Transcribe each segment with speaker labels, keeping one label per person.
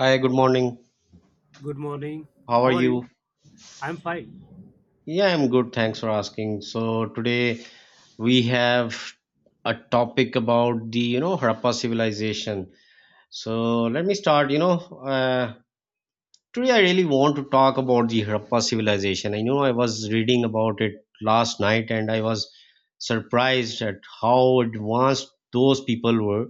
Speaker 1: Hi, good morning.
Speaker 2: Good morning.
Speaker 1: How are
Speaker 2: How are you?
Speaker 1: you?
Speaker 2: I'm fine.
Speaker 1: Yeah, I'm good. Thanks for asking. So today we have a topic about the Harappa civilization. So let me start, uh, today I really want to talk about the Harappa civilization. I know I was reading about it last night, and I was surprised at how advanced those people were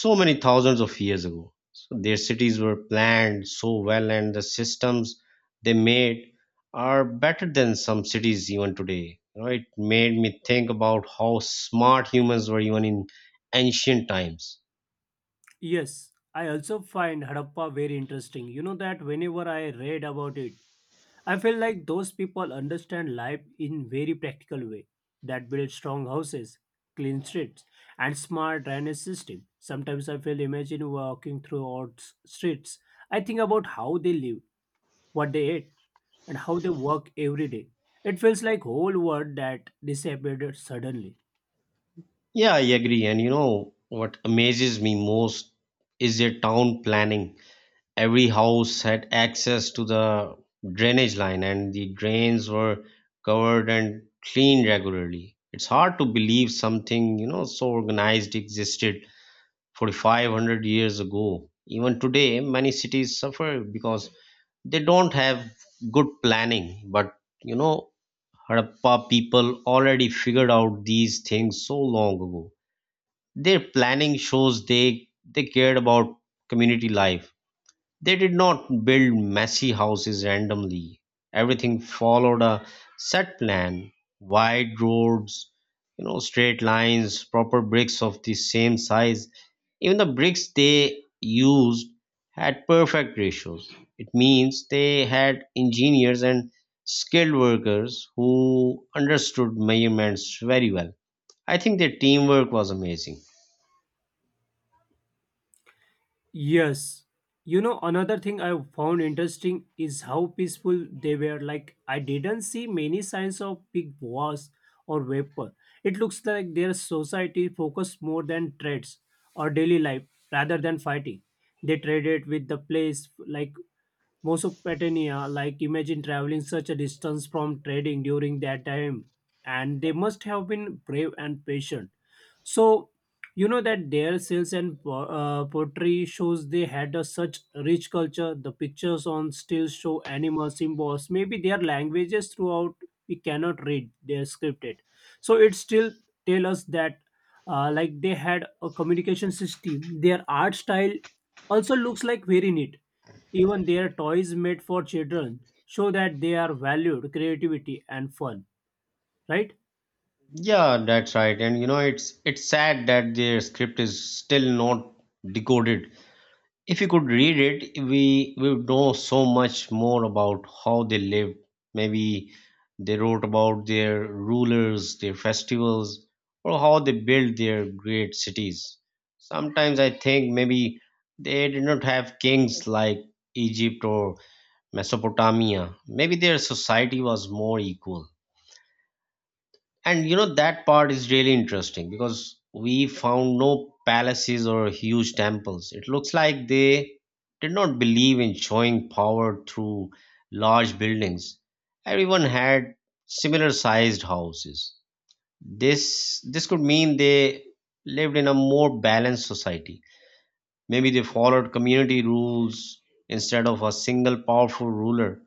Speaker 1: so many thousands of years ago. So their cities were planned so well, and the systems they made are better than some cities even today. You know, it made me think about how smart humans were even in ancient times.
Speaker 2: Yes, I also find Harappa very interesting. You know that whenever I read about it, I feel like those people understand life in very practical way that build strong houses, clean streets, and smart drainage system. Sometimes I feel imagine walking through streets. I think about how they live, what they eat, and how they work every day. It feels like whole world that disappeared suddenly.
Speaker 1: Yeah, I agree. And you know what amazes me most is their town planning. Every house had access to the drainage line, and the drains were covered and cleaned regularly. It's hard to believe something, you know, so organized existed 4500 years ago. Even today many cities suffer because they don't have good planning, but you know, Harappa people already figured out these things so long ago. Their planning shows they cared about community life. They did not build messy houses randomly. Everything followed a set plan: wide roads, you know, straight lines, proper bricks of the same size. Even the bricks they used had perfect ratios. It means they had engineers and skilled workers who understood measurements very well. I think their teamwork was amazing.
Speaker 2: Yes. You know, another thing I found interesting is how peaceful they were. Like, I didn't see many signs of big wars or weapon. It looks like their society focused more than trades or daily life rather than fighting. They traded with the place like Mesopotamia. Like imagine traveling such a distance from trading during that time, and they must have been brave and patient. So you know that their sales and pottery shows they had a such rich culture. The pictures on stills show animal symbols. Maybe their languages throughout we cannot read. They're scripted, so it still tell us that like they had a communication system. Their art style also looks like very neat even their toys made for children show that they are valued creativity and fun, right?
Speaker 1: Yeah, that's right. And you know, it's sad that their script is still not decoded. If we could read it, we would know so much more about how they lived. Maybe they wrote about their rulers, their festivals, or how they built their great cities. Sometimes I think maybe they did not have kings like Egypt or Mesopotamia. Maybe their society was more equal. And you know, that part is really interesting because we found no palaces or huge temples. It looks like they did not believe in showing power through large buildings. Everyone had similar sized houses. This could mean they lived in a more balanced society. Maybe they followed community rules instead of a single powerful ruler.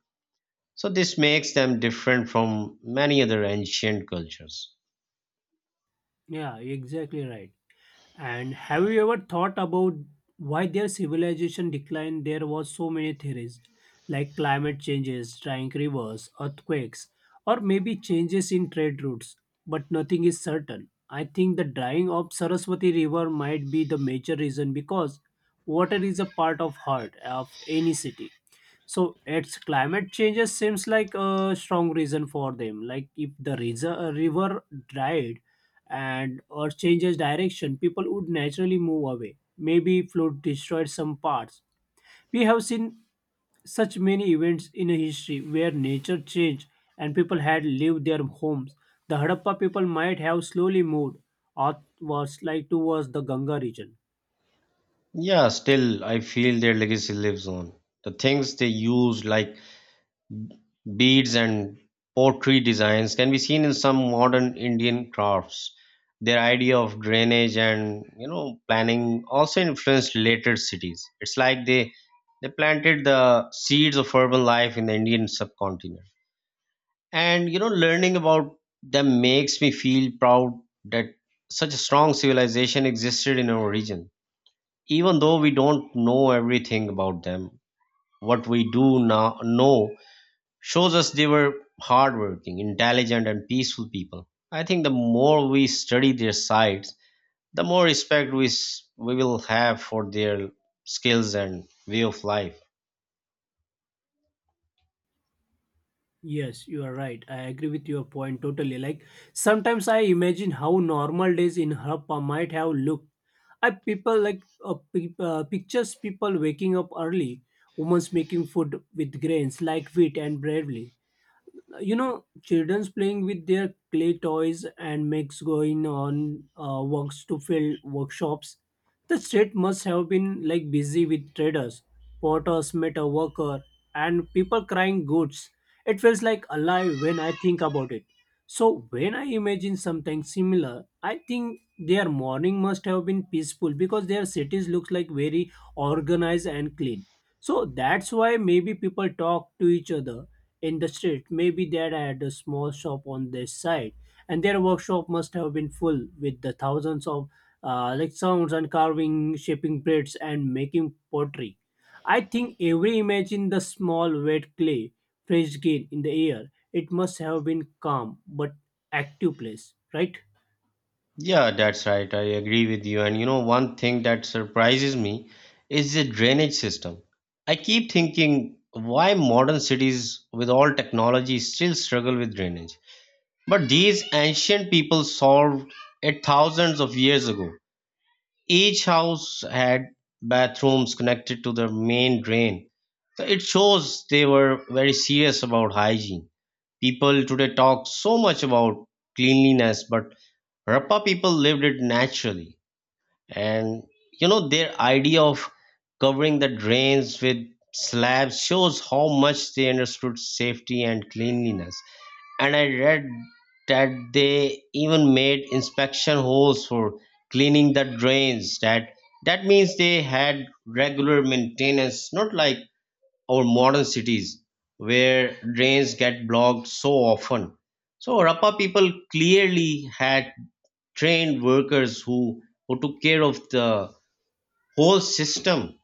Speaker 1: So this makes them different from many other ancient cultures.
Speaker 2: Yeah, exactly right. And have you ever thought about why their civilization declined? There was so many theories, like climate changes, drying rivers, earthquakes, or maybe changes in trade routes, but nothing is certain. I think the drying of Saraswati River might be the major reason because water is a part of heart of any city. So its climate changes seems like a strong reason for them. Like if the reason, river dried, and or changes direction, people would naturally move away. Maybe flood destroyed some parts. We have seen such many events in history where nature changed and people had left their homes. The Harappa people might have slowly moved outwards, like towards the Ganga region.
Speaker 1: Yeah, still, I feel their legacy lives on. The things they used, like beads and pottery designs, can be seen in some modern Indian crafts. Their idea of drainage and, you know, planning also influenced later cities. It's like they planted the seeds of urban life in the Indian subcontinent. And you know, learning about them makes me feel proud that such a strong civilization existed in our region. Even though we don't know everything about them, what we do now know shows us they were hardworking, intelligent, and peaceful people. I think the more we study their sides, the more respect we will have for their skills and way of life.
Speaker 2: Yes, you are right. I agree with your point totally. Like sometimes I imagine how normal days in Harappa might have looked. I people like pictures people waking up early, women making food with grains like wheat and bravely, you know children's playing with their clay toys and makes going on works to fill workshops the street must have been like busy with traders porters metal worker and people crying goods. It feels like alive when I think about it. So when I imagine something similar, I think their morning must have been peaceful because their cities looks like very organized and clean, so that's why maybe people talk to each other in the street. Maybe dad had a small shop on this side, and their workshop must have been full with the thousands of like sounds and carving, shaping plates, and making pottery. I think every image in the small wet clay fresh gain in the air. It must have been calm but active place, right?
Speaker 1: Yeah, that's right. I agree with you. And you know, one thing that surprises me is the drainage system. I keep thinking why modern cities with all technology still struggle with drainage. But these ancient people solved it thousands of years ago. Each house had bathrooms connected to the main drain. So it shows they were very serious about hygiene. People today talk so much about cleanliness, but Harappa people lived it naturally. And you know, their idea of covering the drains with slabs shows how much they understood safety and cleanliness. And I read that they even made inspection holes for cleaning the drains. That means they had regular maintenance, not like our modern cities where drains get blocked so often. So Harappa people clearly had trained workers who took care of the whole system.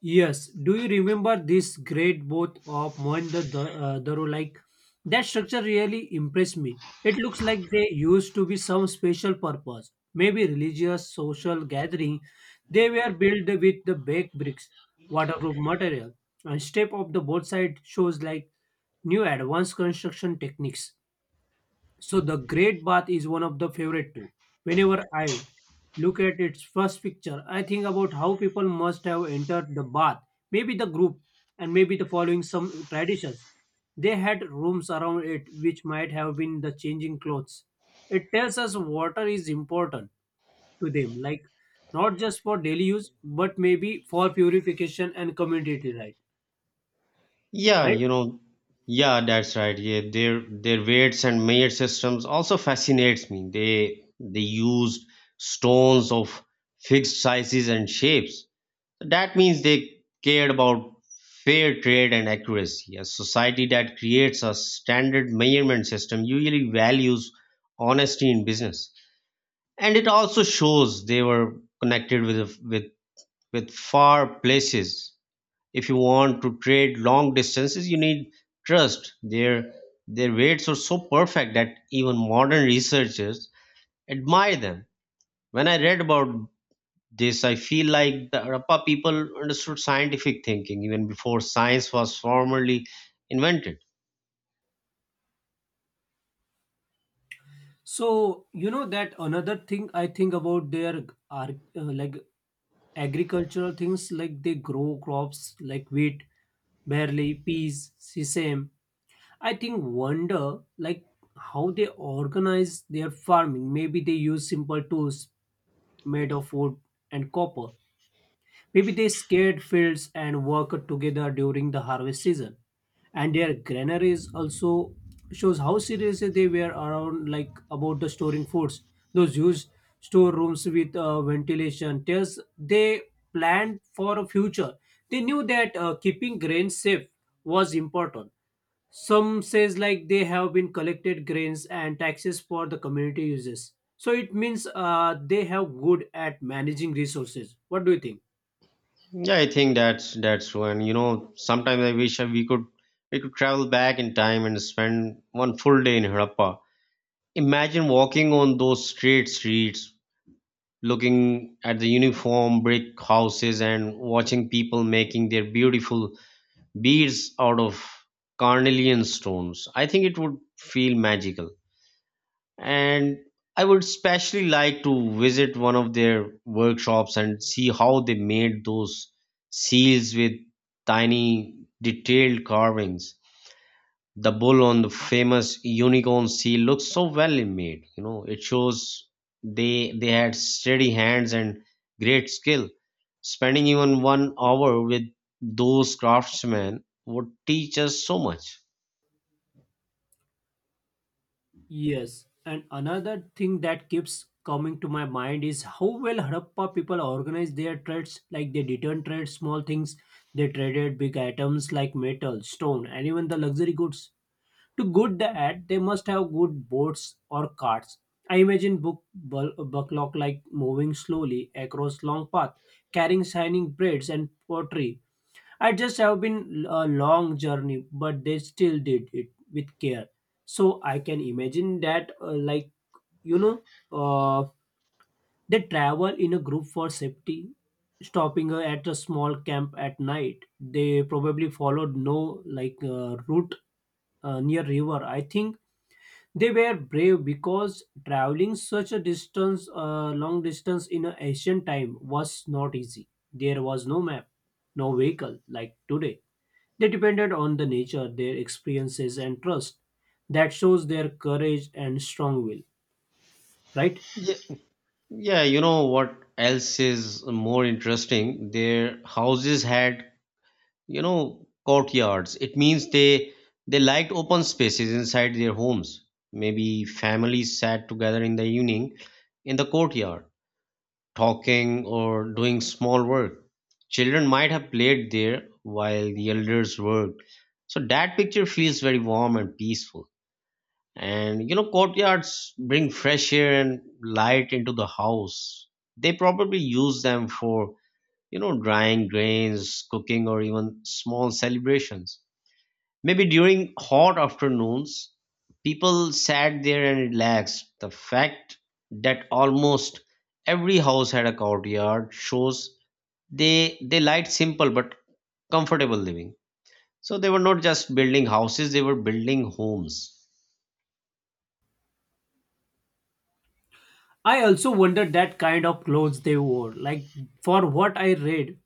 Speaker 2: Yes, do you remember this great boat of Daro? Like that structure really impressed me. It looks like they used to be some special purpose, maybe religious, social gathering. They were built with the baked bricks, waterproof material, and shape of the boat side shows like new advanced construction techniques. So the Great Bath is one of the favorite too. Whenever I look at its first picture, I think about how people must have entered the bath, maybe the group, and maybe the following some traditions. They had rooms around it which might have been the changing clothes. It tells us water is important to them, like not just for daily use, but maybe for purification and community right.
Speaker 1: Yeah,
Speaker 2: Right?
Speaker 1: you know, yeah, that's right. Yeah, their weights and measure systems also fascinates me. They used stones of fixed sizes and shapes. That means they cared about fair trade and accuracy. A society that creates a standard measurement system usually values honesty in business. And it also shows they were connected with far places. If you want to trade long distances, you need trust. Their weights are so perfect that even modern researchers admire them. When I read about this, I feel like the Harappa people understood scientific thinking even before science was formally invented.
Speaker 2: So you know that another thing I think about their are like agricultural things like they grow crops like wheat, barley, peas, sesame. I think wonder like how they organize their farming. Maybe they use simple tools made of wood and copper. Maybe they scared fields and worked together during the harvest season. And their granaries also shows how serious they were around like about the storing foods. Those huge storerooms with ventilation tells they planned for a future. They knew that keeping grains safe was important. Some says like they have been collected grains and taxes for the community uses. So it means they have good at managing resources. What do you think?
Speaker 1: Yeah, I think that's when, you know, sometimes I wish we could travel back in time and spend one full day in Harappa. Imagine walking on those straight streets, looking at the uniform brick houses and watching people making their beautiful beads out of carnelian stones. I think it would feel magical. And I would especially like to visit one of their workshops and see how they made those seals with tiny detailed carvings. The bull on the famous unicorn seal looks so well made. You know, it shows they had steady hands and great skill. Spending even 1 hour with those craftsmen would teach us so much.
Speaker 2: Yes, and another thing that keeps coming to my mind is how well Harappa people organize their trades. Like they didn't trade small things, they traded big items like metal, stone, and even the luxury goods. To good that, they must have good boats or carts. I imagine bucklock like moving slowly across long path, carrying shining braids and pottery. I just have been a long journey, but they still did it with care. So I can imagine that, like you know, uh, they travel in a group for safety. Stopping at a small camp at night, they probably followed no like route near river. I think they were brave because traveling such a distance, long distance in an ancient time was not easy. There was no map, no vehicle like today. They depended on the nature, their experiences, and trust. That shows their courage and strong will, right?
Speaker 1: Yeah, yeah you know what else is more interesting: their houses had, you know, courtyards. It means they liked open spaces inside their homes. Maybe families sat together in the evening in the courtyard, talking or doing small work. Children might have played there while the elders worked. So that picture feels very warm and peaceful. And you know, courtyards bring fresh air and light into the house. They probably use them for, you know, drying grains, cooking, or even small celebrations. Maybe during hot afternoons, people sat there and relaxed. The fact that almost every house had a courtyard shows they liked simple but comfortable living. So they were not just building houses; they were building homes.
Speaker 2: I also wondered that kind of clothes they wore. Like, for what I read,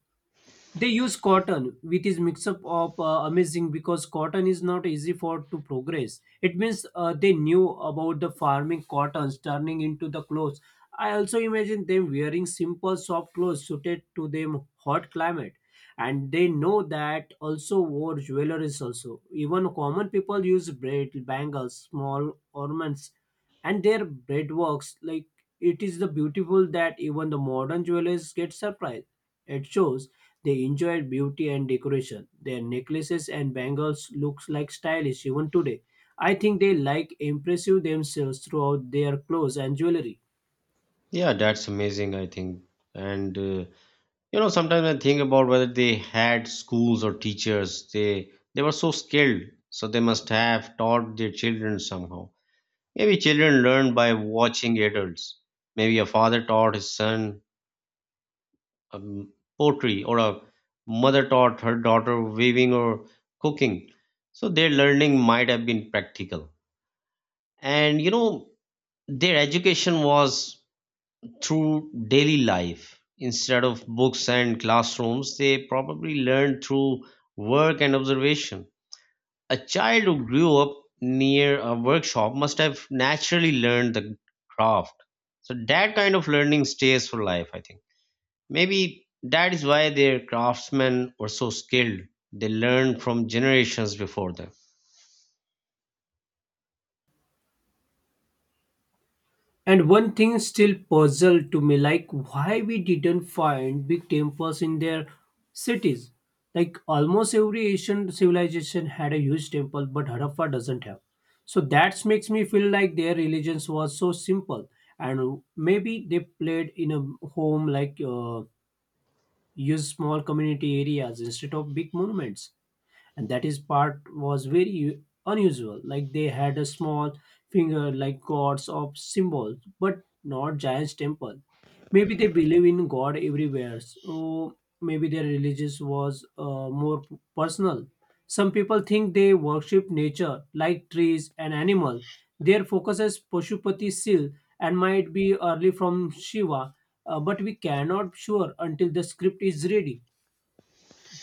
Speaker 2: they use cotton, which is mix up of amazing because cotton is not easy for to progress. It means they knew about the farming cottons turning into the clothes. I also imagine them wearing simple soft clothes suited to them hot climate, and they know that also wore jewelries also. Even common people use braid, bangles, small ornaments, and their braid works like it is the beautiful that even the modern jewelers get surprised. It shows they enjoyed beauty and decoration. Their necklaces and bangles looks like stylish even today. I think they like impressive themselves throughout their clothes and jewelry.
Speaker 1: Yeah, that's amazing. I think, and you know, sometimes I think about whether they had schools or teachers. They were so skilled, so they must have taught their children somehow. Maybe children learn by watching adults. Maybe a father taught his son um, poetry, or a mother taught her daughter weaving or cooking. So their learning might have been practical. And you know, their education was through daily life. Instead of books and classrooms, they probably learned through work and observation. A child who grew up near a workshop must have naturally learned the craft. So that kind of learning stays for life, I think. Maybe that is why their craftsmen were so skilled. They learned from generations before them.
Speaker 2: And one thing still puzzled to me, like why we didn't find big temples in their cities. Like almost every Asian civilization had a huge temple, but Harappa doesn't have. So that makes me feel like their religions was so simple, and maybe they played in a home like. Use small community areas instead of big monuments, and that is part was very unusual. Like they had a small finger like gods of symbols but not giants temple. Maybe they believe in god everywhere, so maybe their religious was more personal. Some people think they worship nature like trees and animals. Their focus is pashupati seal and might be early from shiva, but we cannot sure until the script is ready.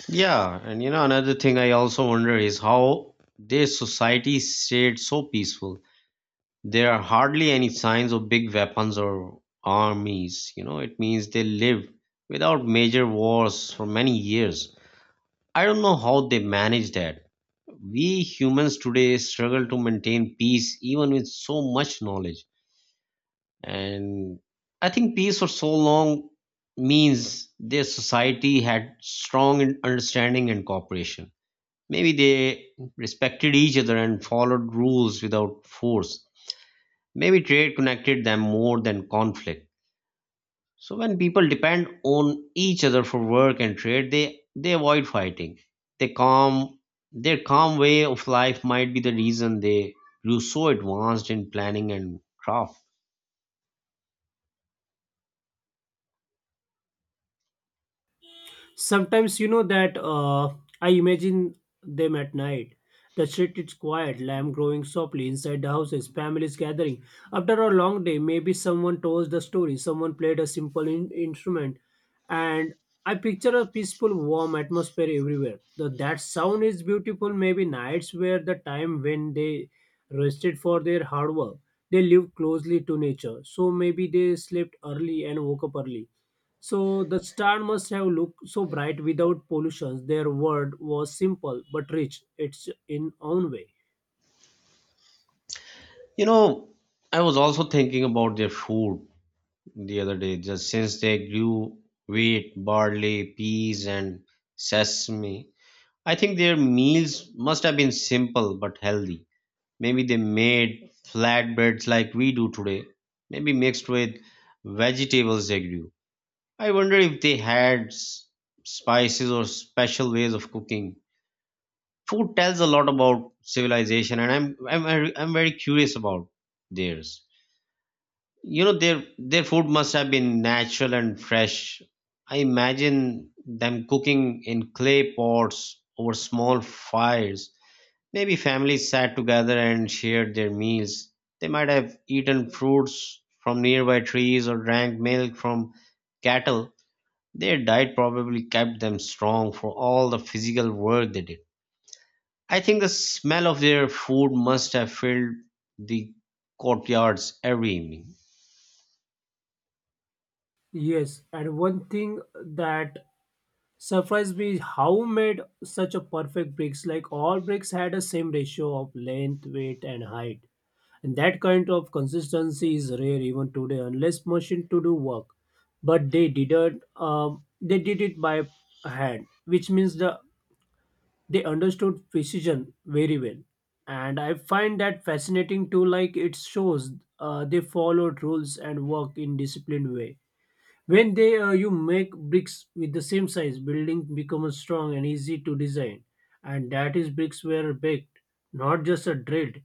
Speaker 1: Yeah, and you know, another thing I also wonder is how their society stayed so peaceful. There are hardly any signs of big weapons or armies. You know, it means they lived without major wars for many years. I don't know how they manage that. We humans today struggle to maintain peace even with so much knowledge. And I think peace for so long means their society had strong understanding and cooperation. Maybe they respected each other and followed rules without force. Maybe trade connected them more than conflict. So when people depend on each other for work and trade, they avoid fighting. They calm Their calm way of life might be the reason they grew so advanced in planning and craft.
Speaker 2: Sometimes you know that I imagine them at night. The street is quiet, lamb growing softly inside the houses, families gathering. After a long day, maybe someone told the story, someone played a simple instrument, and I picture a peaceful, warm atmosphere everywhere. The, that sound is beautiful. Maybe nights were the time when they rested for their hard work. They lived closely to nature, so maybe they slept early and woke up early, so the star must have looked so bright without pollution. Their word was simple but rich, its in own way.
Speaker 1: You know, I was also thinking about their food the other day. Just since they grew wheat, barley, peas, and sesame, I think their meals must have been simple but healthy. Maybe they made flatbreads like we do today, maybe mixed with vegetables they grew. I wonder if they had spices or special ways of cooking. Food tells a lot about civilization, and I'm very curious about theirs. You know, their food must have been natural and fresh. I imagine them cooking in clay pots over small fires. Maybe families sat together and shared their meals. They might have eaten fruits from nearby trees or drank milk from cattle. Their diet probably kept them strong for all the physical work they did. I think the smell of their food must have filled the courtyards every evening.
Speaker 2: Yes, and one thing that surprised me is how made such a perfect bricks. Like all bricks had a same ratio of length, weight, and height. And that kind of consistency is rare even today, unless machine to do work. But they didn't. They did it by hand, which means they understood precision very well, and I find that fascinating too. Like it shows they followed rules and work in disciplined way. When they you make bricks with the same size, building becomes strong and easy to design. And that is bricks were baked, not just a drilled.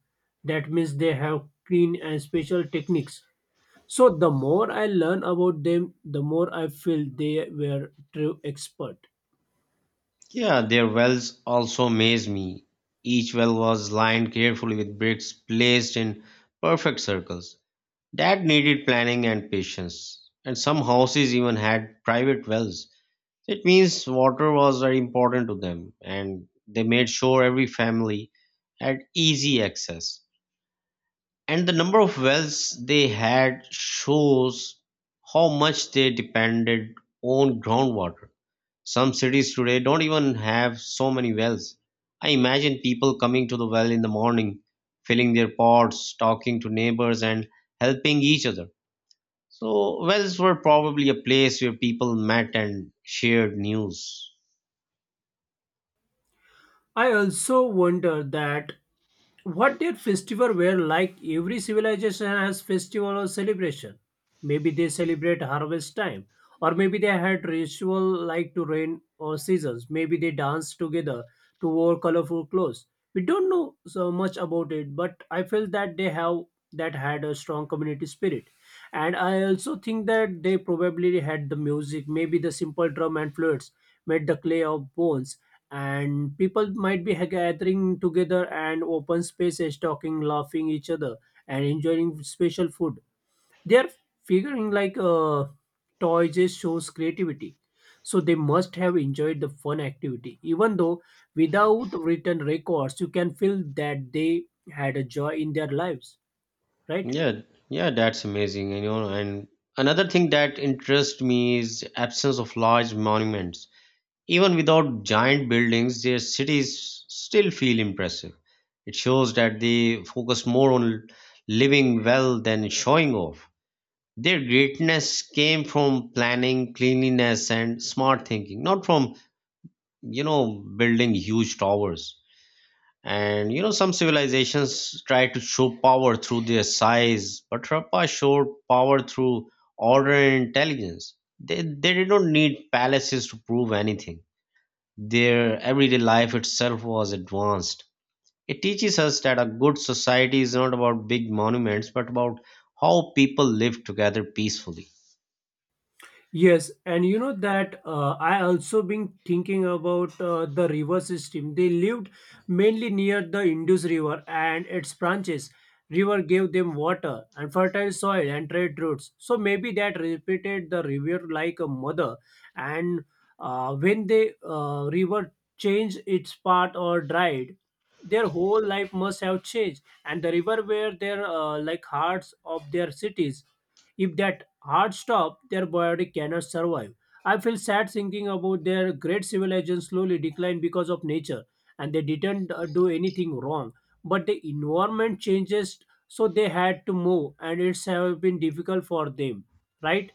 Speaker 2: That means they have clean and special techniques. So the more I learn about them, the more I feel they were true expert.
Speaker 1: Yeah, their wells also amazed me. Each well was lined carefully with bricks placed in perfect circles. That needed planning and patience. And some houses even had private wells. It means water was very important to them, and they made sure every family had easy access. And the number of wells they had shows how much they depended on groundwater. Some cities today don't even have so many wells. I imagine people coming to the well in the morning, filling their pots, talking to neighbors, and helping each other. So, wells were probably a place where people met and shared news.
Speaker 2: I also wonder that what their festival were like? Every civilization has festival or celebration. Maybe they celebrate harvest time, or maybe they had ritual like to rain or seasons. Maybe they dance together to wore colorful clothes. We don't know so much about it, but I feel that they have that had a strong community spirit. And I also think that they probably had the music, maybe the simple drum and flutes made the clay of bones, and people might be gathering together and open spaces talking laughing each other and enjoying special food. They're figuring like toy just shows creativity. So they must have enjoyed the fun activity even though without written records you can feel that they had a joy in their lives, right.
Speaker 1: Yeah, yeah, that's amazing. You know, and another thing that interests me is absence of large monuments. Even without giant buildings, their cities still feel impressive. It shows that they focus more on living well than showing off. Their greatness came from planning, cleanliness, and smart thinking, not from, you know, building huge towers. And you know, some civilizations try to show power through their size, but Harappa showed power through order and intelligence. They did not need palaces to prove anything. Their everyday life itself was advanced. It teaches us that a good society is not about big monuments, but about how people live together peacefully.
Speaker 2: Yes, and you know that I also been thinking about the river system. They lived mainly near the Indus River and its branches. River gave them water and fertile soil and trade routes. So maybe that repeated the river like a mother. And when the river changed its path or dried, their whole life must have changed. And the river were their like hearts of their cities. If that heart stop, their body cannot survive. I feel sad thinking about their great civilization slowly decline because of nature, and they didn't do anything wrong. But the environment changes, so they had to move, and it's have been difficult for them, right?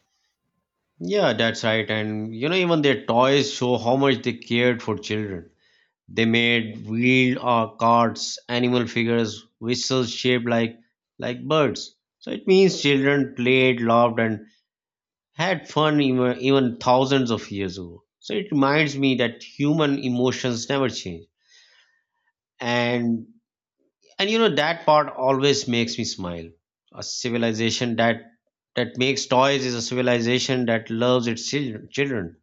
Speaker 1: Yeah, that's right. And you know, even their toys show how much they cared for children. They made wheeled or carts, animal figures, whistles shaped like birds. So it means children played, loved, and had fun even thousands of years ago. So it reminds me that human emotions never change, and and you know that part always makes me smile. A civilization that makes toys is a civilization that loves its children,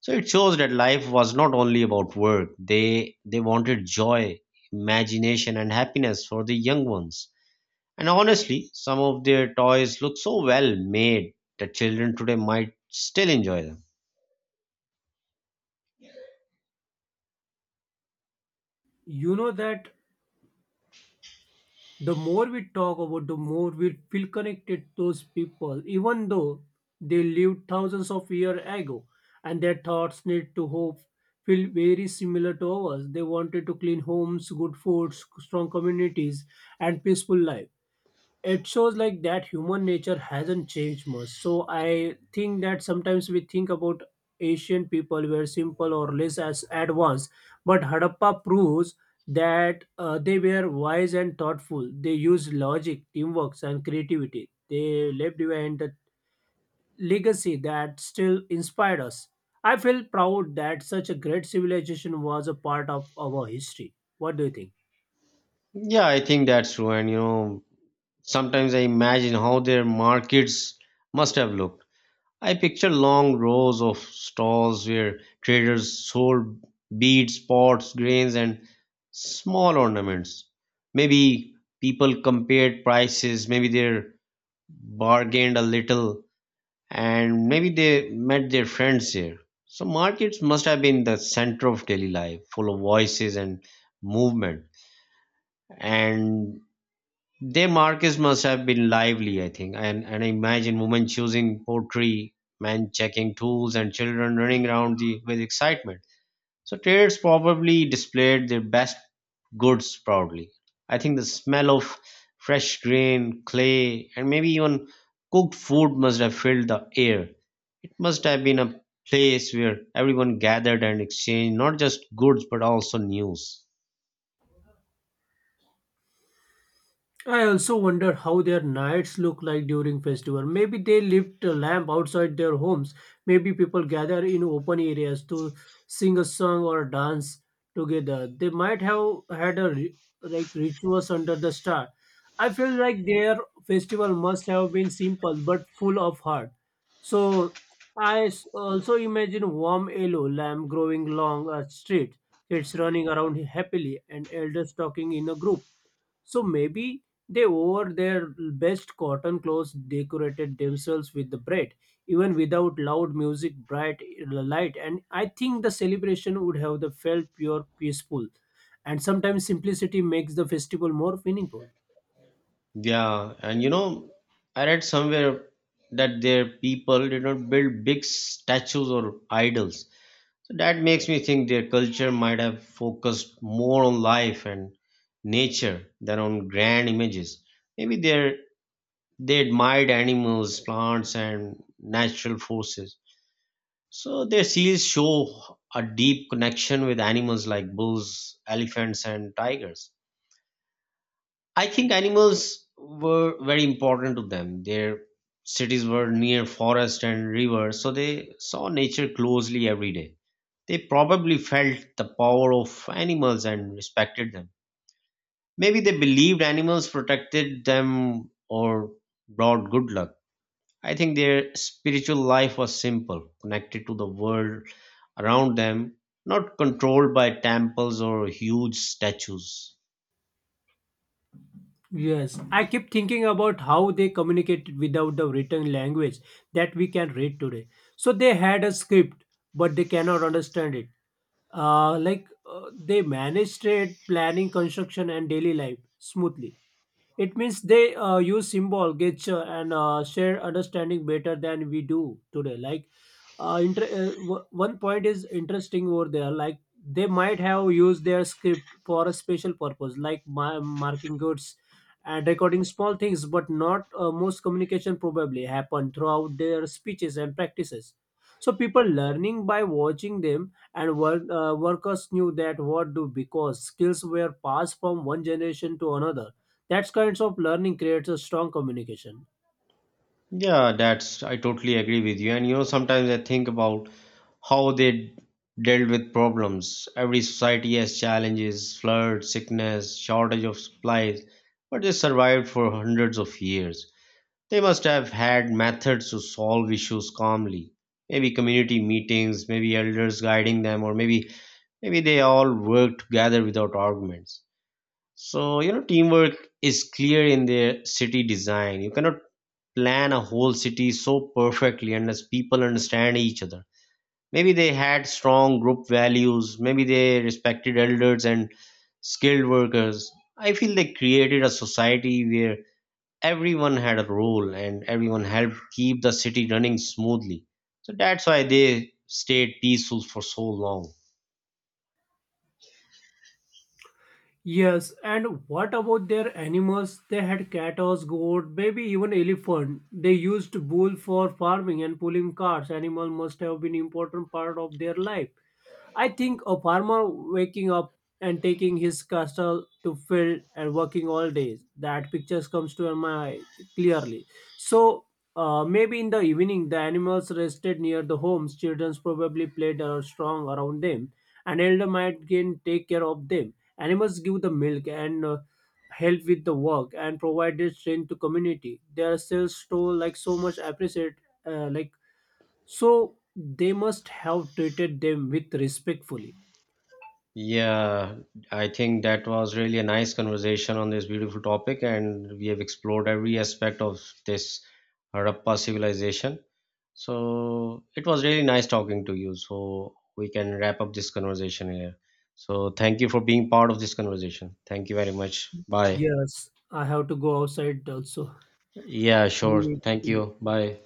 Speaker 1: so it shows that life was not only about work. They wanted joy, imagination and happiness for the young ones. And honestly, some of their toys look so well made that children today might still enjoy them.
Speaker 2: You know that the more we talk about the more we feel connected to those people even though they lived thousands of years ago, and their thoughts need to hope feel very similar to ours. They wanted to clean homes, good foods, strong communities, and peaceful life. It shows like that human nature hasn't changed much. So I think that sometimes we think about asian people were simple or less as advanced, but Harappa proves that they were wise and thoughtful. They used logic, teamwork, and creativity. They left behind the legacy that still inspired us. I feel proud that such a great civilization was a part of our history. What do you think?
Speaker 1: Yeah, I think that's true. And you know, sometimes I imagine how their markets must have looked. I picture long rows of stalls where traders sold beads, pots, grains, and small ornaments. Maybe people compared prices, maybe they bargained a little, and maybe they met their friends here. So, markets must have been the center of daily life, full of voices and movement. And their markets must have been lively, I think, and I imagine women choosing pottery, men checking tools, and children running around the, with excitement. So traders probably displayed their best goods proudly. I think the smell of fresh grain, clay, and maybe even cooked food must have filled the air. It must have been a place where everyone gathered and exchanged not just goods but also news.
Speaker 2: I also wonder how their nights look like during festival. Maybe they lit a lamp outside their homes. Maybe people gather in open areas to sing a song or dance together. They might have had a like rituals under the star. I feel like their festival must have been simple but full of heart. So I also imagine warm yellow lamb growing along a street, kids running around happily, and elders talking in a group. So maybe they wore their best cotton clothes, decorated themselves with the bread, even without loud music, bright light. And I think the celebration would have the felt pure, peaceful. And sometimes simplicity makes the festival more meaningful.
Speaker 1: Yeah, and you know, I read somewhere that their people did not build big statues or idols. So that makes me think their culture might have focused more on life and nature than on grand images. Maybe they admired animals, plants, and natural forces. So their seals show a deep connection with animals like bulls, elephants, and tigers. I think animals were very important to them. Their cities were near forest and rivers, so they saw nature closely every day. They probably felt the power of animals and respected them. Maybe they believed animals protected them or brought good luck. I think their spiritual life was simple, connected to the world around them, not controlled by temples or huge statues.
Speaker 2: Yes, I keep thinking about how they communicated without the written language that we can read today. So they had a script, but they cannot understand it. Like they managed trade, planning, construction, and daily life smoothly. It means they use symbol, gesture, and share understanding better than we do today. Like, one point is interesting over there. Like, they might have used their script for a special purpose, like marking goods and recording small things, but not most communication probably happened throughout their speeches and practices. So people learning by watching them and work, workers knew that what do because skills were passed from one generation to another. That kinds of learning creates a strong communication.
Speaker 1: Yeah, that's, I totally agree with you. And you know, sometimes I think about how they dealt with problems. Every society has challenges, floods, sickness, shortage of supplies, but they survived for hundreds of years. They must have had methods to solve issues calmly. Maybe community meetings, maybe elders guiding them, or maybe they all worked together without arguments. So, you know, teamwork is clear in their city design. You cannot plan a whole city so perfectly unless people understand each other. Maybe they had strong group values, maybe they respected elders and skilled workers. I feel they created a society where everyone had a role and everyone helped keep the city running smoothly. So that's why they stayed peaceful for so long.
Speaker 2: Yes, and what about their animals? They had cattle, goat, maybe even elephant. They used bull for farming and pulling carts. Animal must have been important part of their life. I think a farmer waking up and taking his cattle to field and working all day. That pictures comes to my eye clearly. So maybe in the evening the animals rested near the homes. Children probably played or strong around them. An elder might again take care of them. Animals give the milk and help with the work and provided strength to community. Their sales store like so much appreciate like so they must have treated them with respectfully.
Speaker 1: Yeah, I think that was really a nice conversation on this beautiful topic, and we have explored every aspect of this Harappa civilization. So it was really nice talking to you. So we can wrap up this conversation here. So thank you for being part of this conversation. Thank you very much. Bye.
Speaker 2: Yes, I have to go outside also.
Speaker 1: Yeah, sure. Thank
Speaker 2: Yeah.
Speaker 1: you. Bye.